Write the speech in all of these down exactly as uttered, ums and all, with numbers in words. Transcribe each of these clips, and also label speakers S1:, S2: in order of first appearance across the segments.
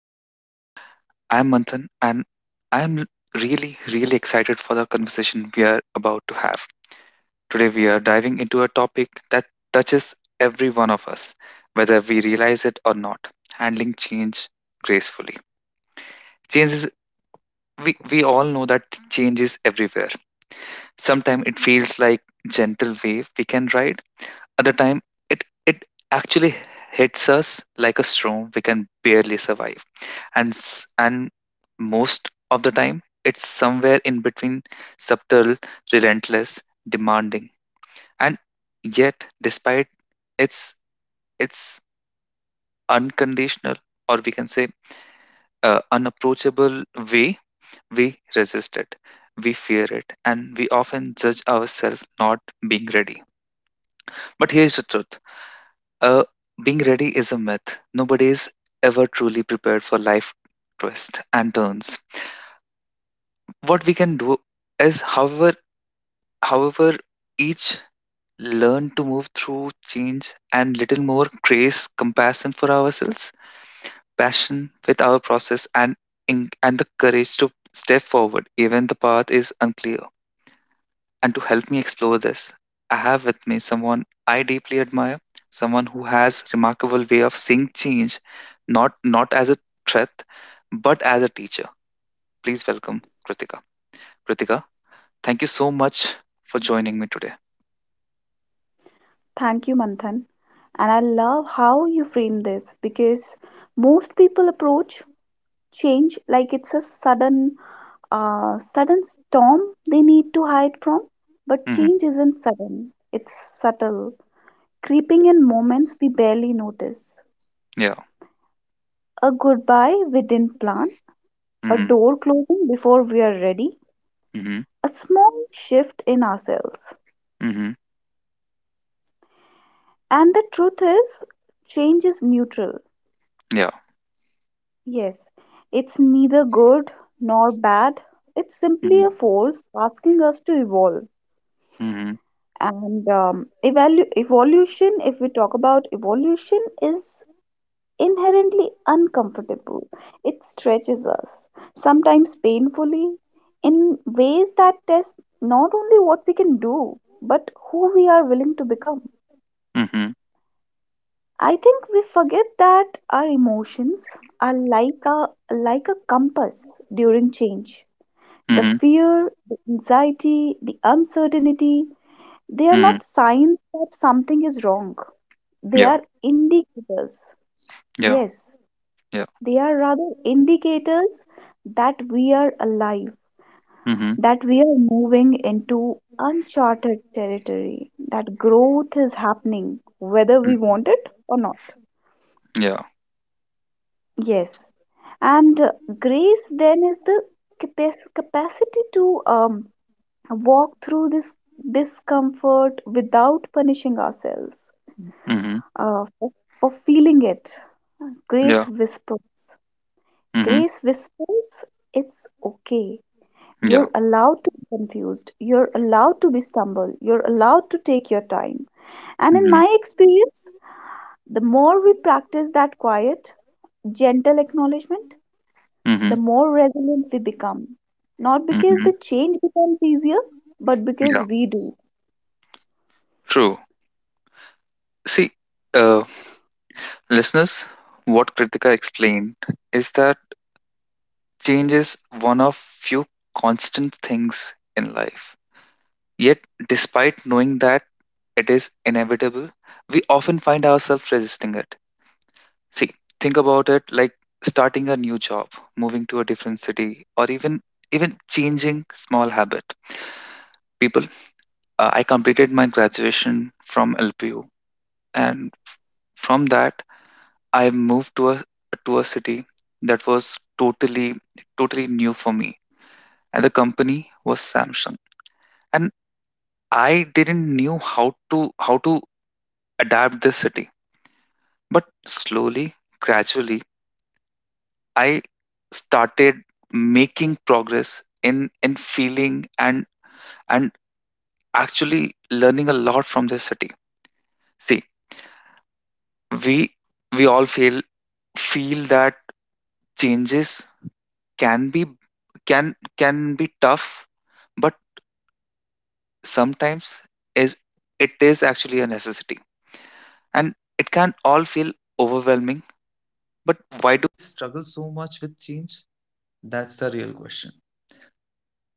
S1: episodes. I am Manthan, and I am really, really excited for the conversation we are about to have. Today, we are diving into a topic that touches every one of us, whether we realize it or not, handling change gracefully. Change is, we, we all know that change is everywhere. Sometimes it feels like gentle wave we can ride. Other time, it, it actually hits us like a storm we can barely survive, and s- and most of the time it's somewhere in between subtle relentless, demanding, and yet despite its its unconditional, or we can say, uh, unapproachable way, we resist it, we fear it, and we often judge ourselves not being ready. But here's the truth, uh, being ready is a myth. Nobody is ever truly prepared for life twists and turns. What we can do is, however However, each learn to move through change and little more grace, compassion for ourselves, passion with our process, and in, and the courage to step forward even the path is unclear. And to help me explore this, I have with me someone I deeply admire, someone who has remarkable way of seeing change, not not as a threat, but as a teacher. Please welcome Kritika. Kritika, thank you so much for joining me today.
S2: Thank you, Manthan. And I love how you frame this because most people approach change like it's a sudden, uh, sudden storm they need to hide from. But
S1: Hmm.
S2: change isn't sudden, it's subtle, creeping in moments we barely notice.
S1: Yeah.
S2: A goodbye we didn't plan, a
S1: Hmm.
S2: door closing before we are ready,
S1: Hmm.
S2: a small shift in ourselves.
S1: Mhm.
S2: And the truth is, change is neutral.
S1: Yeah.
S2: Yes, it's neither good nor bad. It's simply a
S1: Mhm.
S2: force asking us to evolve.
S1: Mhm.
S2: And um, evalu- evolution, if we talk about evolution, is inherently uncomfortable. It stretches us, sometimes painfully, in ways that test not only what we can do, but who we are willing to become.
S1: Mhm.
S2: I think we forget that our emotions are like a like a compass during change. The
S1: Mhm.
S2: fear, the anxiety, the uncertainty, they are
S1: Mhm.
S2: not signs that something is wrong. They
S1: Yeah.
S2: are indicators.
S1: Yeah.
S2: Yes,
S1: Yeah.
S2: they are rather indicators that we are alive,
S1: Mhm.
S2: that we are moving into uncharted territory, that growth is happening, whether we want
S1: Mhm.
S2: it or not.
S1: Yeah.
S2: Yes. And uh, Grace then is the capac- capacity to um, walk through this discomfort without punishing ourselves
S1: Mhm.
S2: uh, for, for feeling it. Grace
S1: Yeah.
S2: whispers.
S1: Mhm.
S2: Grace whispers, it's okay.
S1: Yeah.
S2: You're allowed to be confused. You're allowed to be stumbled. You're allowed to take your time. And in
S1: Mhm.
S2: my experience, the more we practice that quiet, gentle acknowledgement, the
S1: Mhm.
S2: more resilient we become. Not because the
S1: Mhm.
S2: change becomes easier, but
S1: Yeah.
S2: because we do.
S1: True. See, uh, listeners, what Kritika explained is that change is one of few constant things in life. Yet, despite knowing that it is inevitable, we often find ourselves resisting it. See, think about it like starting a new job, moving to a different city, or even even changing small habit. People, uh, I completed my graduation from L P U, and from that, I moved to a to a city that was totally totally new for me, and the company was Samsung, and I didn't knew how to how to adapt this city. But slowly, gradually, I started making progress in in feeling, and and actually learning a lot from this city. See, we we all feel feel that changes can be can can be tough, but sometimes is it is actually a necessity, and it can all feel overwhelming. But why do we Struggle so much with change? That's the real question.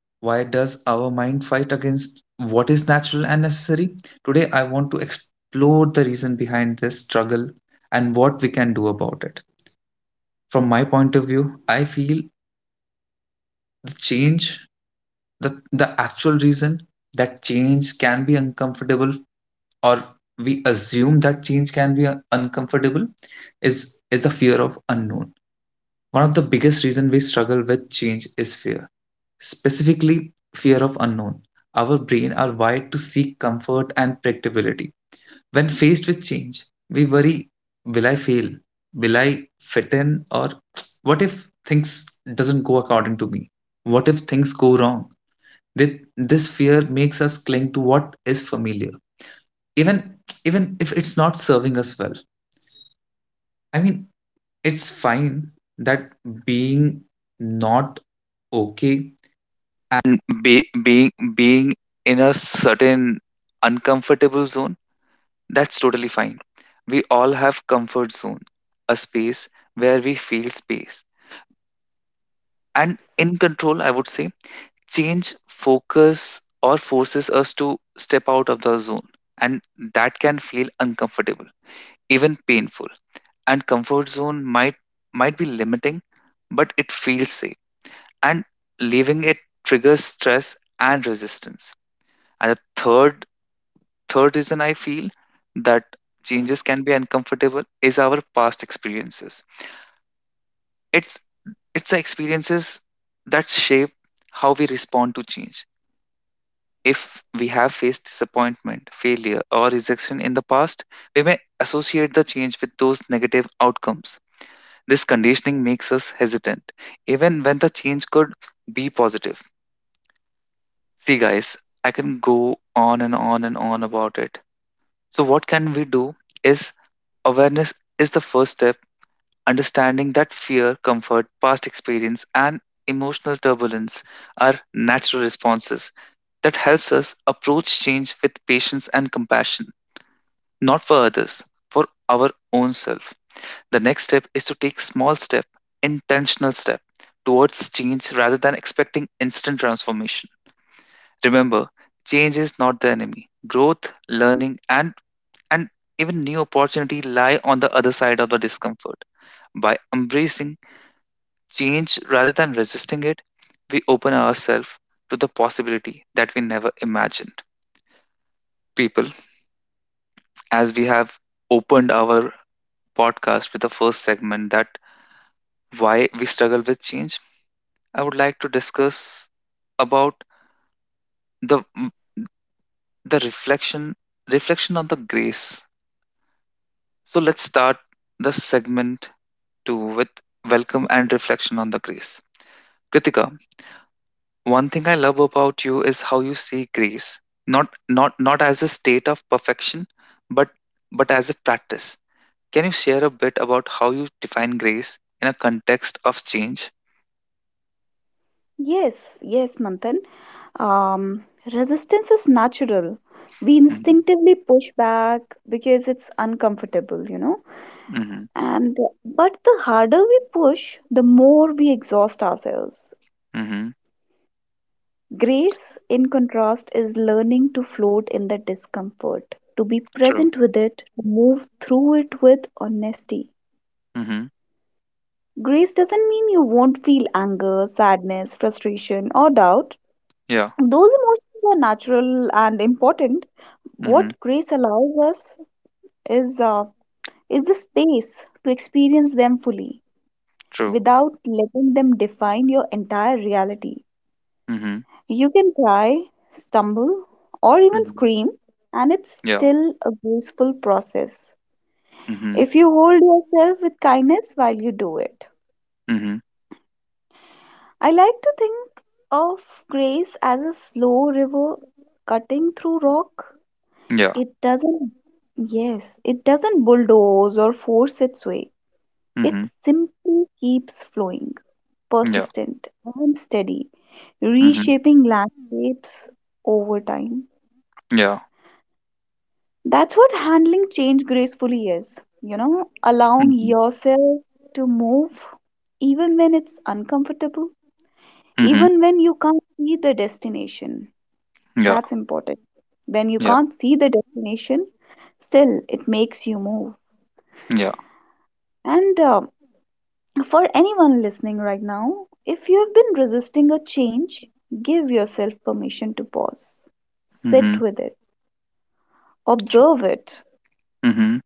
S1: Why does our mind fight against what is natural and necessary? Today, I want to explore the reason behind this struggle and what we can do about it. From my point of view, I feel the change, the, the actual reason that change can be uncomfortable, or we assume that change can be un- uncomfortable, is, is the fear of unknown. One of the biggest reason we struggle with change is fear, specifically fear of unknown. Our brain are wired to seek comfort and predictability. When faced with change, we worry, will I fail? Will I fit in? Or what if things doesn't go according to me? What if things go wrong? Thi- This fear makes us cling to what is familiar, even even if it's not serving us well. I mean, it's fine that being not okay, n- be, being being in a certain uncomfortable zone, that's totally fine. We all have comfort zone, a space where we feel space and in control, I would say. Change, focus or forces us to step out of the zone, and that can feel uncomfortable, even painful. And comfort zone might might be limiting, but it feels safe, and leaving it triggers stress and resistance. And the third Third reason I feel that changes can be uncomfortable is our past experiences. It's it's the experiences that shape how we respond to change. If we have faced disappointment, failure, or rejection in the past, we may associate the change with those negative outcomes. This conditioning makes us hesitant, even when the change could be positive. See, guys, I can go on and on and on about it. So, what can we do is, awareness is the first step. Understanding that fear, comfort, past experience, and emotional turbulence are natural responses, that helps us approach change with patience and compassion, not for others, for our own self. The next step is to take small step, intentional step towards change rather than expecting instant transformation. Remember, change is not the enemy. Growth, learning, and and even new opportunity lie on the other side of the discomfort. By embracing change rather than resisting it, we open ourselves to the possibility that we never imagined. People, as we have opened our podcast with the first segment that why we struggle with change, I would like to discuss about the the reflection reflection on the grace. So let's start the segment two with welcome and reflection on the grace. Kritika, One thing I love about you is how you see grace, not not not as a state of perfection, but but as a practice. Can you share a bit about how you define grace in a context of change?
S2: Yes, yes, Manthan. Um, Resistance is natural. We
S1: Mm-hmm.
S2: instinctively push back because it's uncomfortable, you know.
S1: Mm-hmm.
S2: And but the harder we push, the more we exhaust ourselves.
S1: Mm-hmm.
S2: Grace, in contrast, is learning to float in the discomfort, to be
S1: True.
S2: present with it, to move through it with honesty.
S1: Mm-hmm.
S2: Grace doesn't mean you won't feel anger, sadness, frustration, or doubt.
S1: Yeah.
S2: Those emotions are natural and important.
S1: Mm-hmm.
S2: What grace allows us is uh, is the space to experience them fully
S1: True.
S2: without letting them define your entire reality.
S1: Mm-hmm.
S2: You can cry, stumble, or even
S1: Mm-hmm.
S2: scream, and it's
S1: Yeah.
S2: still a graceful process
S1: Mm-hmm.
S2: if you hold yourself with kindness while you do it.
S1: Mm-hmm.
S2: I like to think of grace as a slow river cutting through rock.
S1: Yeah.
S2: It doesn't, yes, it doesn't bulldoze or force its way. It
S1: Mm-hmm.
S2: simply keeps flowing,
S1: Yeah.
S2: persistent and steady,
S1: Mm-hmm.
S2: reshaping landscapes over time.
S1: Yeah.
S2: That's what handling change gracefully is, you know, allowing
S1: Mm-hmm.
S2: yourself to move even when it's uncomfortable,
S1: Mm-hmm.
S2: even when you can't see the destination.
S1: Yeah.
S2: That's important. When you
S1: Yeah.
S2: can't see the destination, still it makes you move.
S1: Yeah.
S2: And uh, For anyone listening right now, if you have been resisting a change, give yourself permission to pause.
S1: Mm-hmm.
S2: Sit with it, observe it,
S1: Mm-hmm.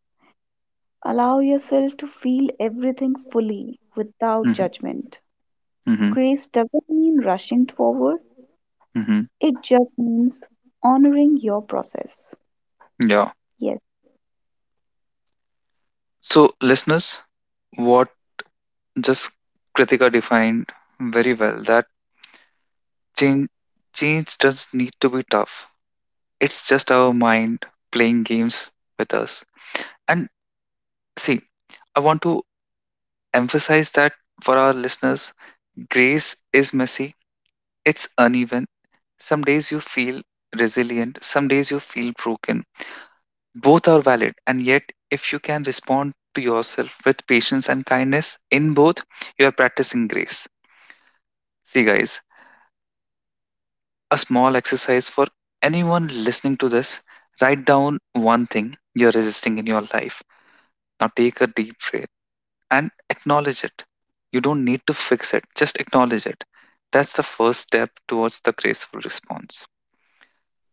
S2: allow yourself to feel everything fully without
S1: Mm-hmm.
S2: judgment.
S1: Mm-hmm.
S2: Grace doesn't mean rushing forward,
S1: Mm-hmm.
S2: it just means honoring your process.
S1: Yeah.
S2: Yes,
S1: So, listeners, what just Kritika defined very well that change change doesn't need to be tough. It's just our mind playing games with us. And see, I want to emphasize that for our listeners, grace is messy. It's uneven. Some days you feel resilient, some days you feel broken. Both are valid, and yet if you can respond to yourself with patience and kindness in both, you are practicing grace. See guys, a small exercise for anyone listening to this. Write down one thing you're resisting in your life. Now take a deep breath and acknowledge it. You don't need to fix it, just acknowledge it. That's the first step towards the graceful response.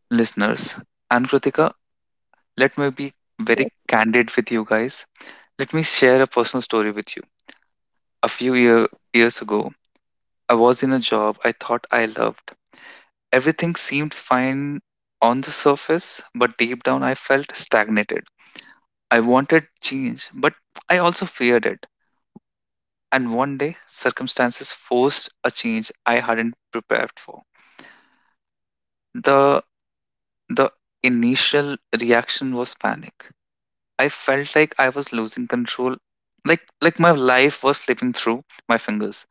S1: Listeners and Kritika, let me be very
S2: yes.
S1: candid with you guys. Let me share a personal story with you. A few year, years ago, I was in a job I thought I loved. Everything seemed fine on the surface, but deep down I felt stagnated. I wanted change, but I also feared it. And one day, circumstances forced a change I hadn't prepared for. The the initial reaction was panic. I felt like I was losing control, like like my life was slipping through my fingers.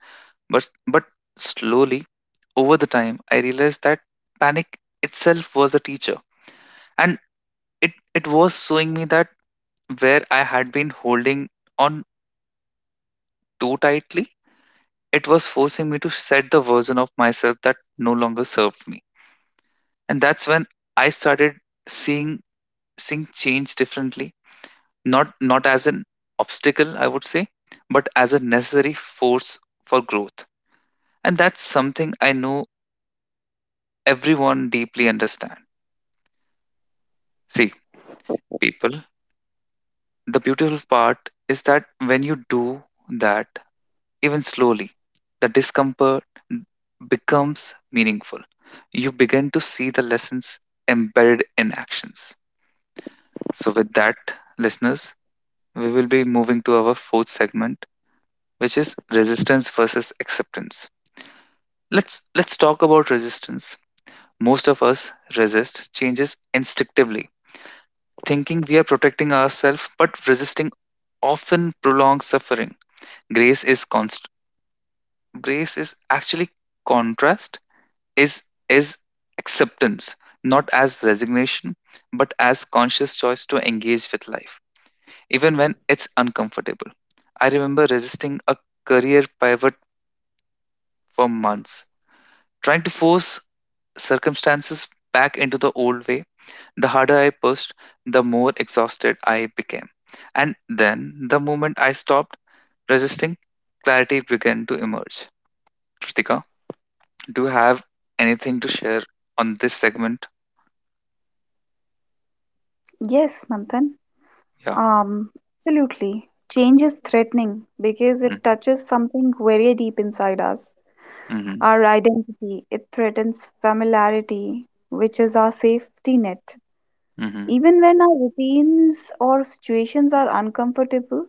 S1: But but slowly, over the time, I realized that panic itself was a teacher, and it it was showing me that where I had been holding on too tightly, it was forcing me to set the version of myself that no longer served me. And that's when I started seeing seeing change differently, not not as an obstacle, I would say, but as a necessary force for growth. And that's something I know everyone deeply understand. See, people, the beautiful part is that when you do that even slowly, the discomfort becomes meaningful. You begin to see the lessons embedded in actions. So, with that, listeners, we will be moving to our fourth segment, which is resistance versus acceptance. Let's let's talk about resistance. Most of us resist changes instinctively, thinking we are protecting ourselves, but resisting often prolongs suffering. Grace is const- grace is actually contrast, is is acceptance, not as resignation, but as conscious choice to engage with life, even when it's uncomfortable. I remember resisting a career pivot for months, trying to force circumstances back into the old way. The harder I pushed, the more exhausted I became. And then the moment I stopped resisting, clarity began to emerge. Kritika, do you have anything to share on this segment?
S2: Yes, Manthan.
S1: Yeah.
S2: Um, Absolutely. Change is threatening because it touches something very deep inside us.
S1: Mm-hmm.
S2: Our identity, it threatens familiarity, which is our safety net.
S1: Mhm,
S2: Even when our routines or situations are uncomfortable,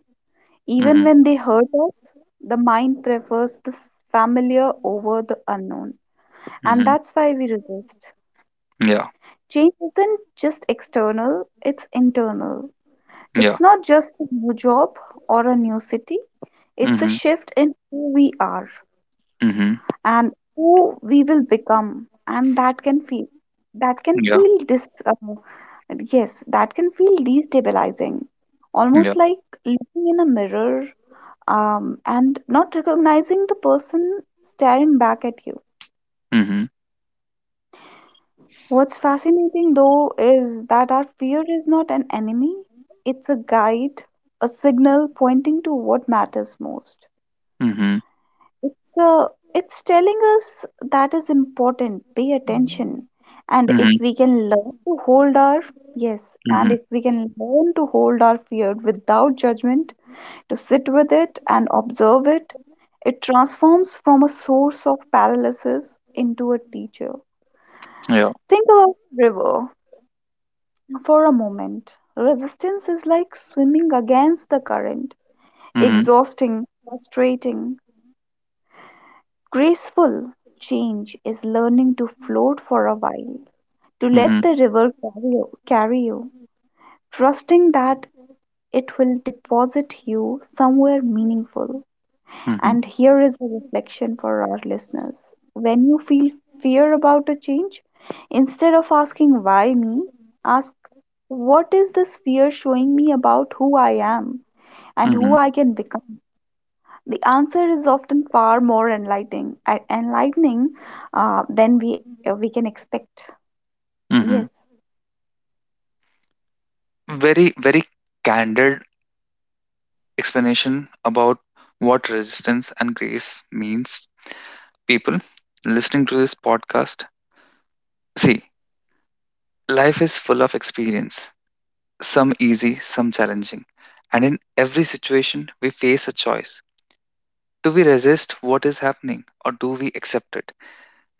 S2: even
S1: mhm,
S2: when they hurt us, the mind prefers the familiar over the unknown. And
S1: mhm.
S2: that's why we resist.
S1: Ja,
S2: Change isn't just external, it's internal.
S1: ja.
S2: It's not just a new job or a new city, it's a
S1: Mhm,
S2: shift in who we are,
S1: mhm.
S2: and who we will become, and that can feel that can
S1: Ja,
S2: feel dis uh, yes that can feel destabilizing, almost
S1: ja.
S2: like looking in a mirror, um, and not recognizing the person staring back at you.
S1: Mhm,
S2: What's fascinating though is that our fear is not an enemy, it's a guide, a signal pointing to what matters most.
S1: mhm,
S2: It's uh, it's telling us that is important. Pay attention, and if
S1: mhm,
S2: we can learn to hold our yes, and
S1: mhm.
S2: if we can learn to hold our fear without judgment, to sit with it and observe it, it transforms from a source of paralysis into a teacher.
S1: Ja.
S2: Think about a river for a moment. Resistance is like swimming against the current,
S1: Mhm,
S2: exhausting, frustrating. Graceful change is learning to float for a while, to
S1: mhm,
S2: let the river carry you, carry you, trusting that it will deposit you somewhere meaningful.
S1: mhm,
S2: And here is a reflection for our listeners. When you feel fear about a change, instead of asking why me, ask what is this fear showing me about who I am and who
S1: mhm,
S2: I can become? The answer is often far more enlightening, uh, enlightening uh, than we uh, we can expect.
S1: mhm.
S2: Yes,
S1: Very, very candid explanation about what resistance and grace means. People listening to this podcast, see, life is full of experience, some easy, some challenging. And in every situation, we face a choice. Do we resist what is happening or do we accept it?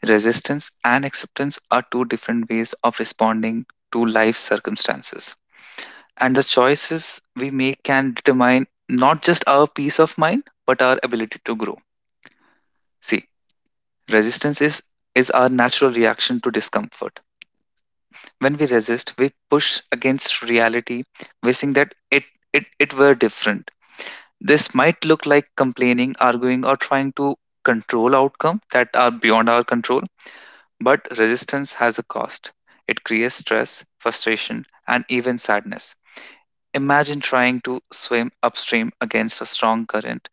S1: Resistance and acceptance are two different ways of responding to life's circumstances. And the choices we make can determine not just our peace of mind, but our ability to grow. See, resistance is, is our natural reaction to discomfort. When we resist, we push against reality, wishing that it, it, it were different. This might look like complaining, arguing, or trying to control outcome that are beyond our control. But resistance has a cost. It creates stress, frustration, and even sadness. Imagine trying to swim upstream against a strong current.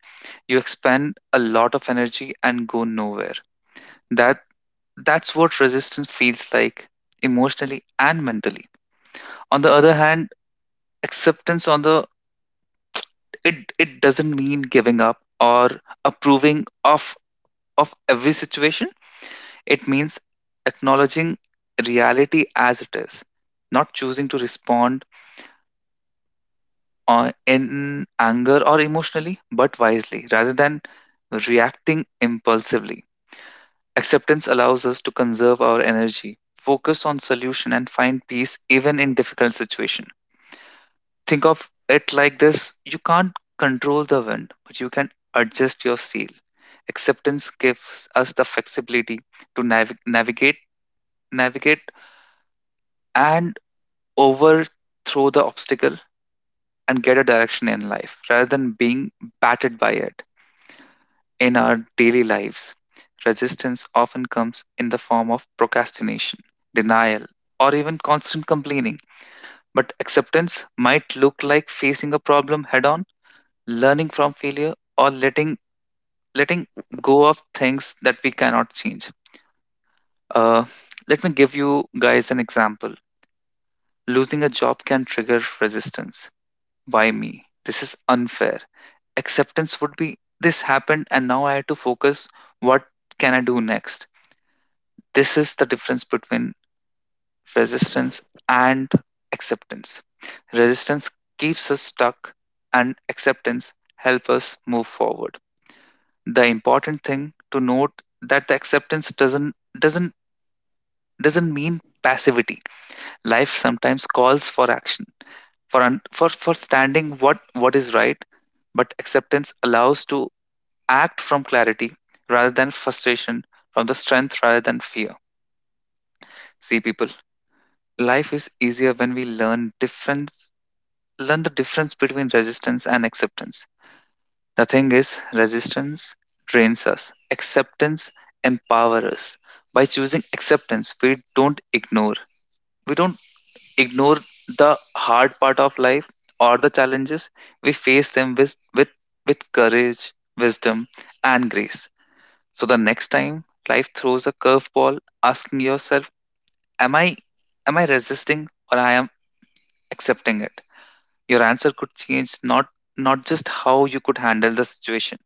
S1: You expend a lot of energy and go nowhere. That that's what resistance feels like emotionally and mentally. On the other hand, acceptance on the it it doesn't mean giving up or approving of of every situation. It means acknowledging reality as it is, not choosing to respond uh, in anger or emotionally, but wisely rather than reacting impulsively. Acceptance allows us to conserve our energy, focus on solution, and find peace even in difficult situation. Think of it like this: you can't control the wind, but you can adjust your sail. Acceptance gives us the flexibility to navi- navigate, navigate, and overthrow the obstacle and get a direction in life rather than being battered by it in our daily lives. Resistance often comes in the form of procrastination, denial, or even constant complaining. But acceptance might look like facing a problem head on, learning from failure, or letting letting go of things that we cannot change. Uh, Let me give you guys an example. Losing a job can trigger resistance. Why me? This is unfair. Acceptance would be this happened and now I have to focus what can I do next. This is the difference between resistance and acceptance. Resistance keeps us stuck and acceptance helps us move forward. The important thing to note that the acceptance doesn't doesn't doesn't mean passivity. Life sometimes calls for action, for un, for for standing what what is right, but acceptance allows to act from clarity rather than frustration, from the strength rather than fear. See, people, life is easier when we learn difference, learn the difference between resistance and acceptance. The thing is, resistance drains us, acceptance empowers us. By choosing acceptance, we don't ignore. We don't ignore the hard part of life or the challenges. We face them with with, with courage, wisdom, and grace. So the next time life throws a curveball, asking yourself, am I am I resisting or I am accepting it? Your answer could change not not just how you could handle the situation,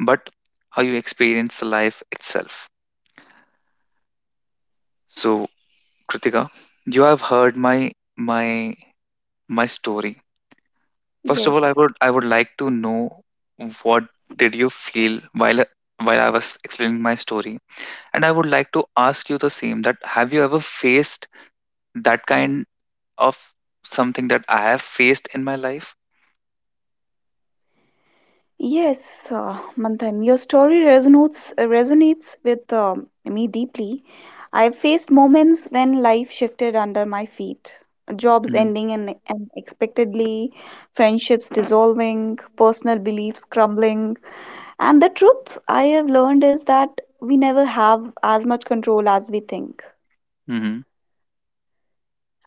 S1: but how you experience the life itself. So Kritika, you have heard my my my story. First of all, I
S2: yes,
S1: would I would like to know what did you feel while while I was explaining my story, and I would like to ask you the same that have you ever faced that kind of something that I have faced in my life.
S2: yes, uh, Manthan, your story resonates resonates with um, me deeply. I've faced moments when life shifted under my feet, jobs
S1: Mhm.
S2: ending un- unexpectedly, friendships dissolving, personal beliefs crumbling, and the truth I have learned is that we never have as much control as we think.
S1: Mhm.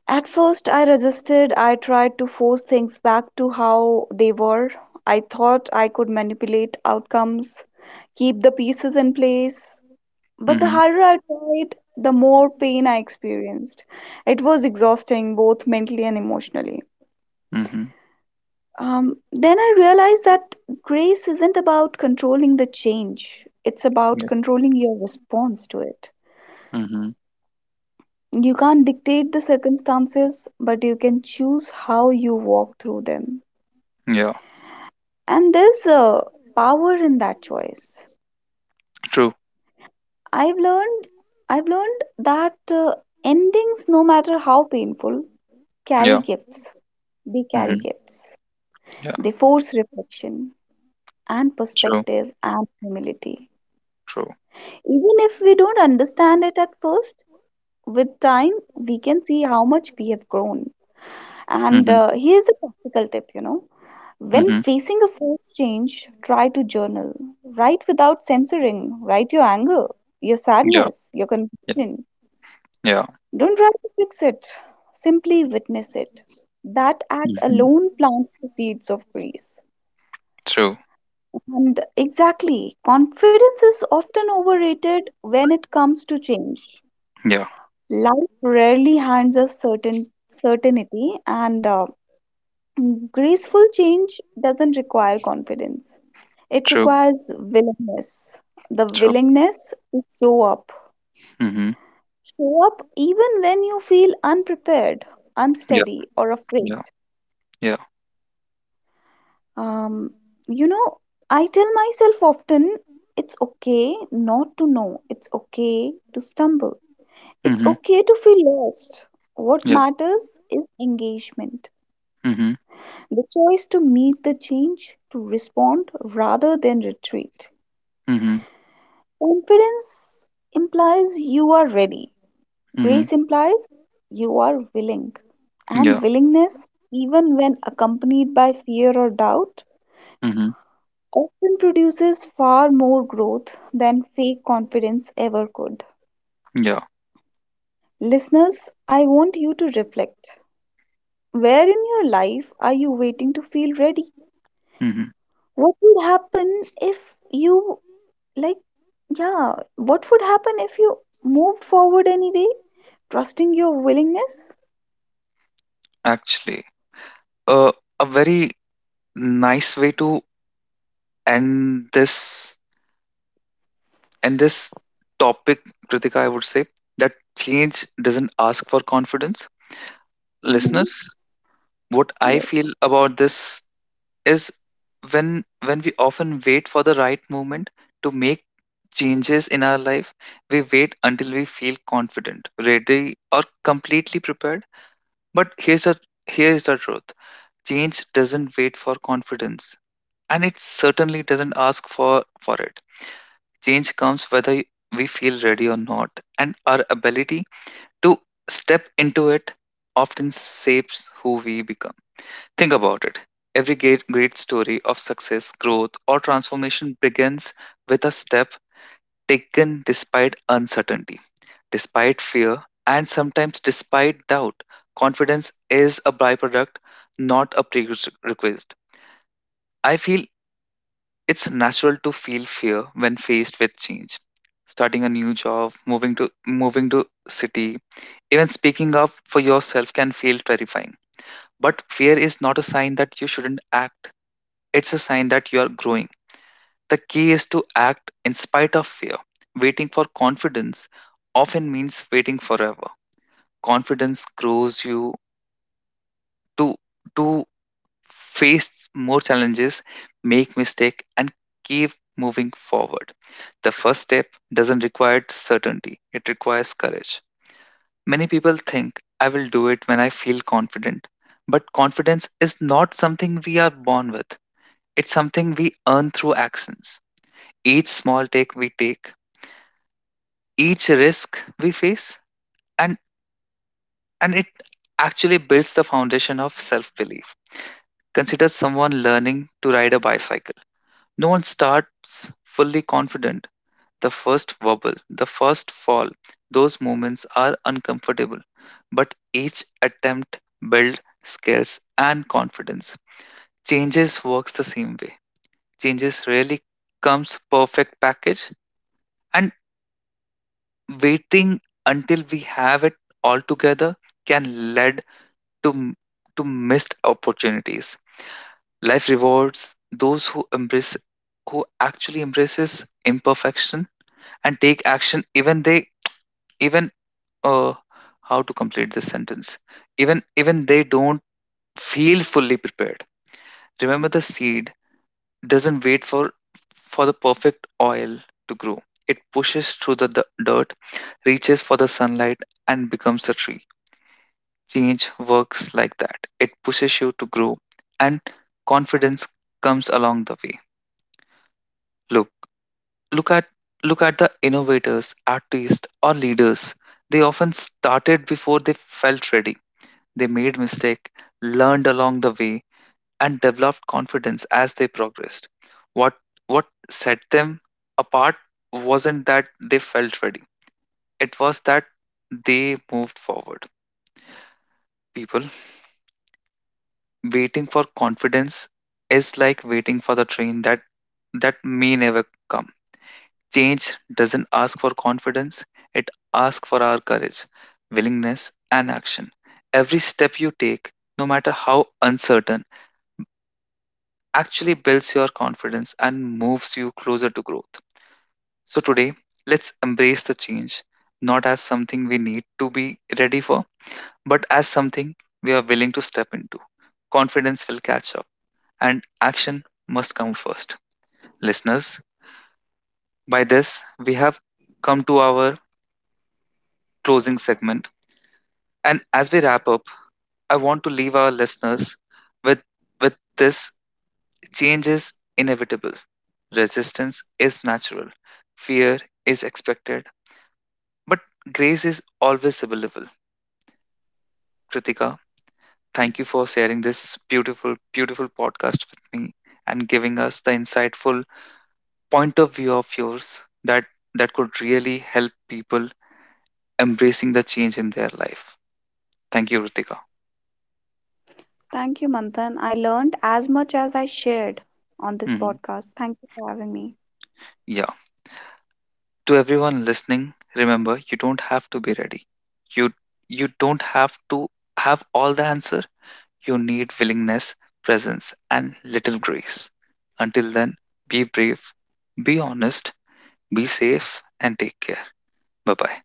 S2: At first, I resisted. I tried to force things back to how they were. I thought I could manipulate outcomes, keep the pieces in place. But the
S1: Mhm.
S2: harder I tried, the more pain I experienced. It was exhausting, both mentally and emotionally.
S1: Mhm.
S2: Um, then I realized that grace isn't about controlling the change, it's about
S1: Yeah.
S2: controlling your response to it.
S1: Mhm.
S2: You can't dictate the circumstances, but you can choose how you walk through them.
S1: Yeah.
S2: And there's a power in that choice.
S1: True.
S2: I've learned i've learned that uh, endings no matter how painful carry
S1: Yeah.
S2: gifts. They carry
S1: Mhm.
S2: gifts.
S1: Yeah.
S2: They force reflection and
S1: True.
S2: perspective and humility.
S1: True.
S2: Even if we don't understand it at first, with time we can see how much we have grown. and
S1: Mhm.
S2: uh, here's a practical tip, you know. When
S1: Mhm.
S2: facing a phase change, try to journal. Write without censoring. Write your anger, your
S1: Yeah.
S2: sadness, your
S1: Yeah.
S2: confusion.
S1: Yeah.
S2: Don't try to fix it, simply witness it. That act
S1: Mhm.
S2: alone plants the seeds of grace.
S1: True.
S2: And exactly, confidence is often overrated when it comes to change.
S1: Yeah.
S2: Life rarely hands us certain certainty, and uh, graceful change doesn't require confidence. It
S1: True.
S2: requires willingness, the
S1: True.
S2: willingness to show up.
S1: Mhm.
S2: Show up even when you feel unprepared,
S1: Yeah.
S2: unsteady, or afraid.
S1: Yeah. Yeah.
S2: Um, you know, I tell myself often it's okay not to know, it's okay to stumble, it's
S1: Mhm.
S2: okay to feel lost. What
S1: Yeah.
S2: matters is engagement,
S1: Mhm.
S2: the choice to meet the change, to respond rather than retreat.
S1: Mhm.
S2: Confidence implies you are ready.
S1: Mhm.
S2: Grace implies you are willing,
S1: Yeah.
S2: and willingness, even when accompanied by fear or doubt,
S1: Mhm.
S2: often produces far more growth than fake confidence ever could.
S1: Yeah.
S2: Listeners, I want you to reflect. Where in your life are you waiting to feel ready?
S1: Mhm.
S2: What would happen if you, like, yeah, what would happen if you moved forward anyway, trusting your willingness?
S1: Actually, uh, a very nice way to end this And this topic, Kritika, I would say that change doesn't ask for confidence.
S2: Hmm.
S1: Listeners, what I
S2: Yes.
S1: feel about this is when when we often wait for the right moment to make changes in our life, we wait until we feel confident, ready, or completely prepared. But here's the here's the truth. Change doesn't wait for confidence. And it certainly doesn't ask for, for it. Change comes whether we feel ready or not, and our ability to step into it often shapes who we become. Think about it. Every great, great story of success, growth, or transformation begins with a step taken despite uncertainty, despite fear, and sometimes despite doubt. Confidence is a byproduct, not a prerequisite. I feel it's natural to feel fear when faced with change. Starting a new job, moving to moving to city, even speaking up for yourself can feel terrifying. But fear is not a sign that you shouldn't act. It's a sign that you are growing. The key is to act in spite of fear. Waiting for confidence often means waiting forever. Confidence grows you to to face more challenges, make mistake, and keep moving forward. The first step doesn't require certainty, it requires courage. Many people think, I will do it when I feel confident. But confidence is not something we are born with, it's something we earn through actions. Each small take we take, each risk we face, and, and it actually builds the foundation of self belief. Consider someone learning to ride a bicycle. No one starts fully confident. The first wobble, the first fall, those moments are uncomfortable, but each attempt builds skills and confidence. Changes works the same way. Changes rarely comes perfect package and waiting until we have it all together can lead to m- to missed opportunities. Life rewards those who embrace who actually embraces imperfection and take action even they even uh, how to complete this sentence even even they don't feel fully prepared remember the seed doesn't wait for for the perfect oil to grow. It pushes through the d- dirt, reaches for the sunlight, and becomes a tree. Change works like that. It pushes you to grow, and confidence comes along the way. Look Look at look at the innovators, artists or leaders. They often started before they felt ready. They made mistakes, learned along the way, and developed confidence as they progressed. What what set them apart wasn't that they felt ready. It was that they moved forward. People, waiting for confidence is like waiting for the train that that may never come. Change doesn't ask for confidence, it asks for our courage, willingness, and action. Every step you take, no matter how uncertain, actually builds your confidence and moves you closer to growth. So, today, let's embrace the change, not as something we need to be ready for, but as something we are willing to step into. Confidence will catch up, and action must come first. Listeners, by this, we have come to our closing segment. And as we wrap up, I want to leave our listeners with, with this. Change is inevitable. Resistance is natural. Fear is expected. But grace is always available. Kritika, thank you for sharing this beautiful, beautiful podcast with me and giving us the insightful point of view of yours that, that could really help people embracing the change in their life. Thank you, Ritika.
S2: Thank you, Manthan. I learned as much as I shared on this
S1: Mhm.
S2: podcast. Thank you for having me.
S1: Yeah. To everyone listening, remember you don't have to be ready. You you don't have to have all the answer. You need willingness, presence, and little grace. Until then, be brave, be honest, be safe, and take care. Bye bye.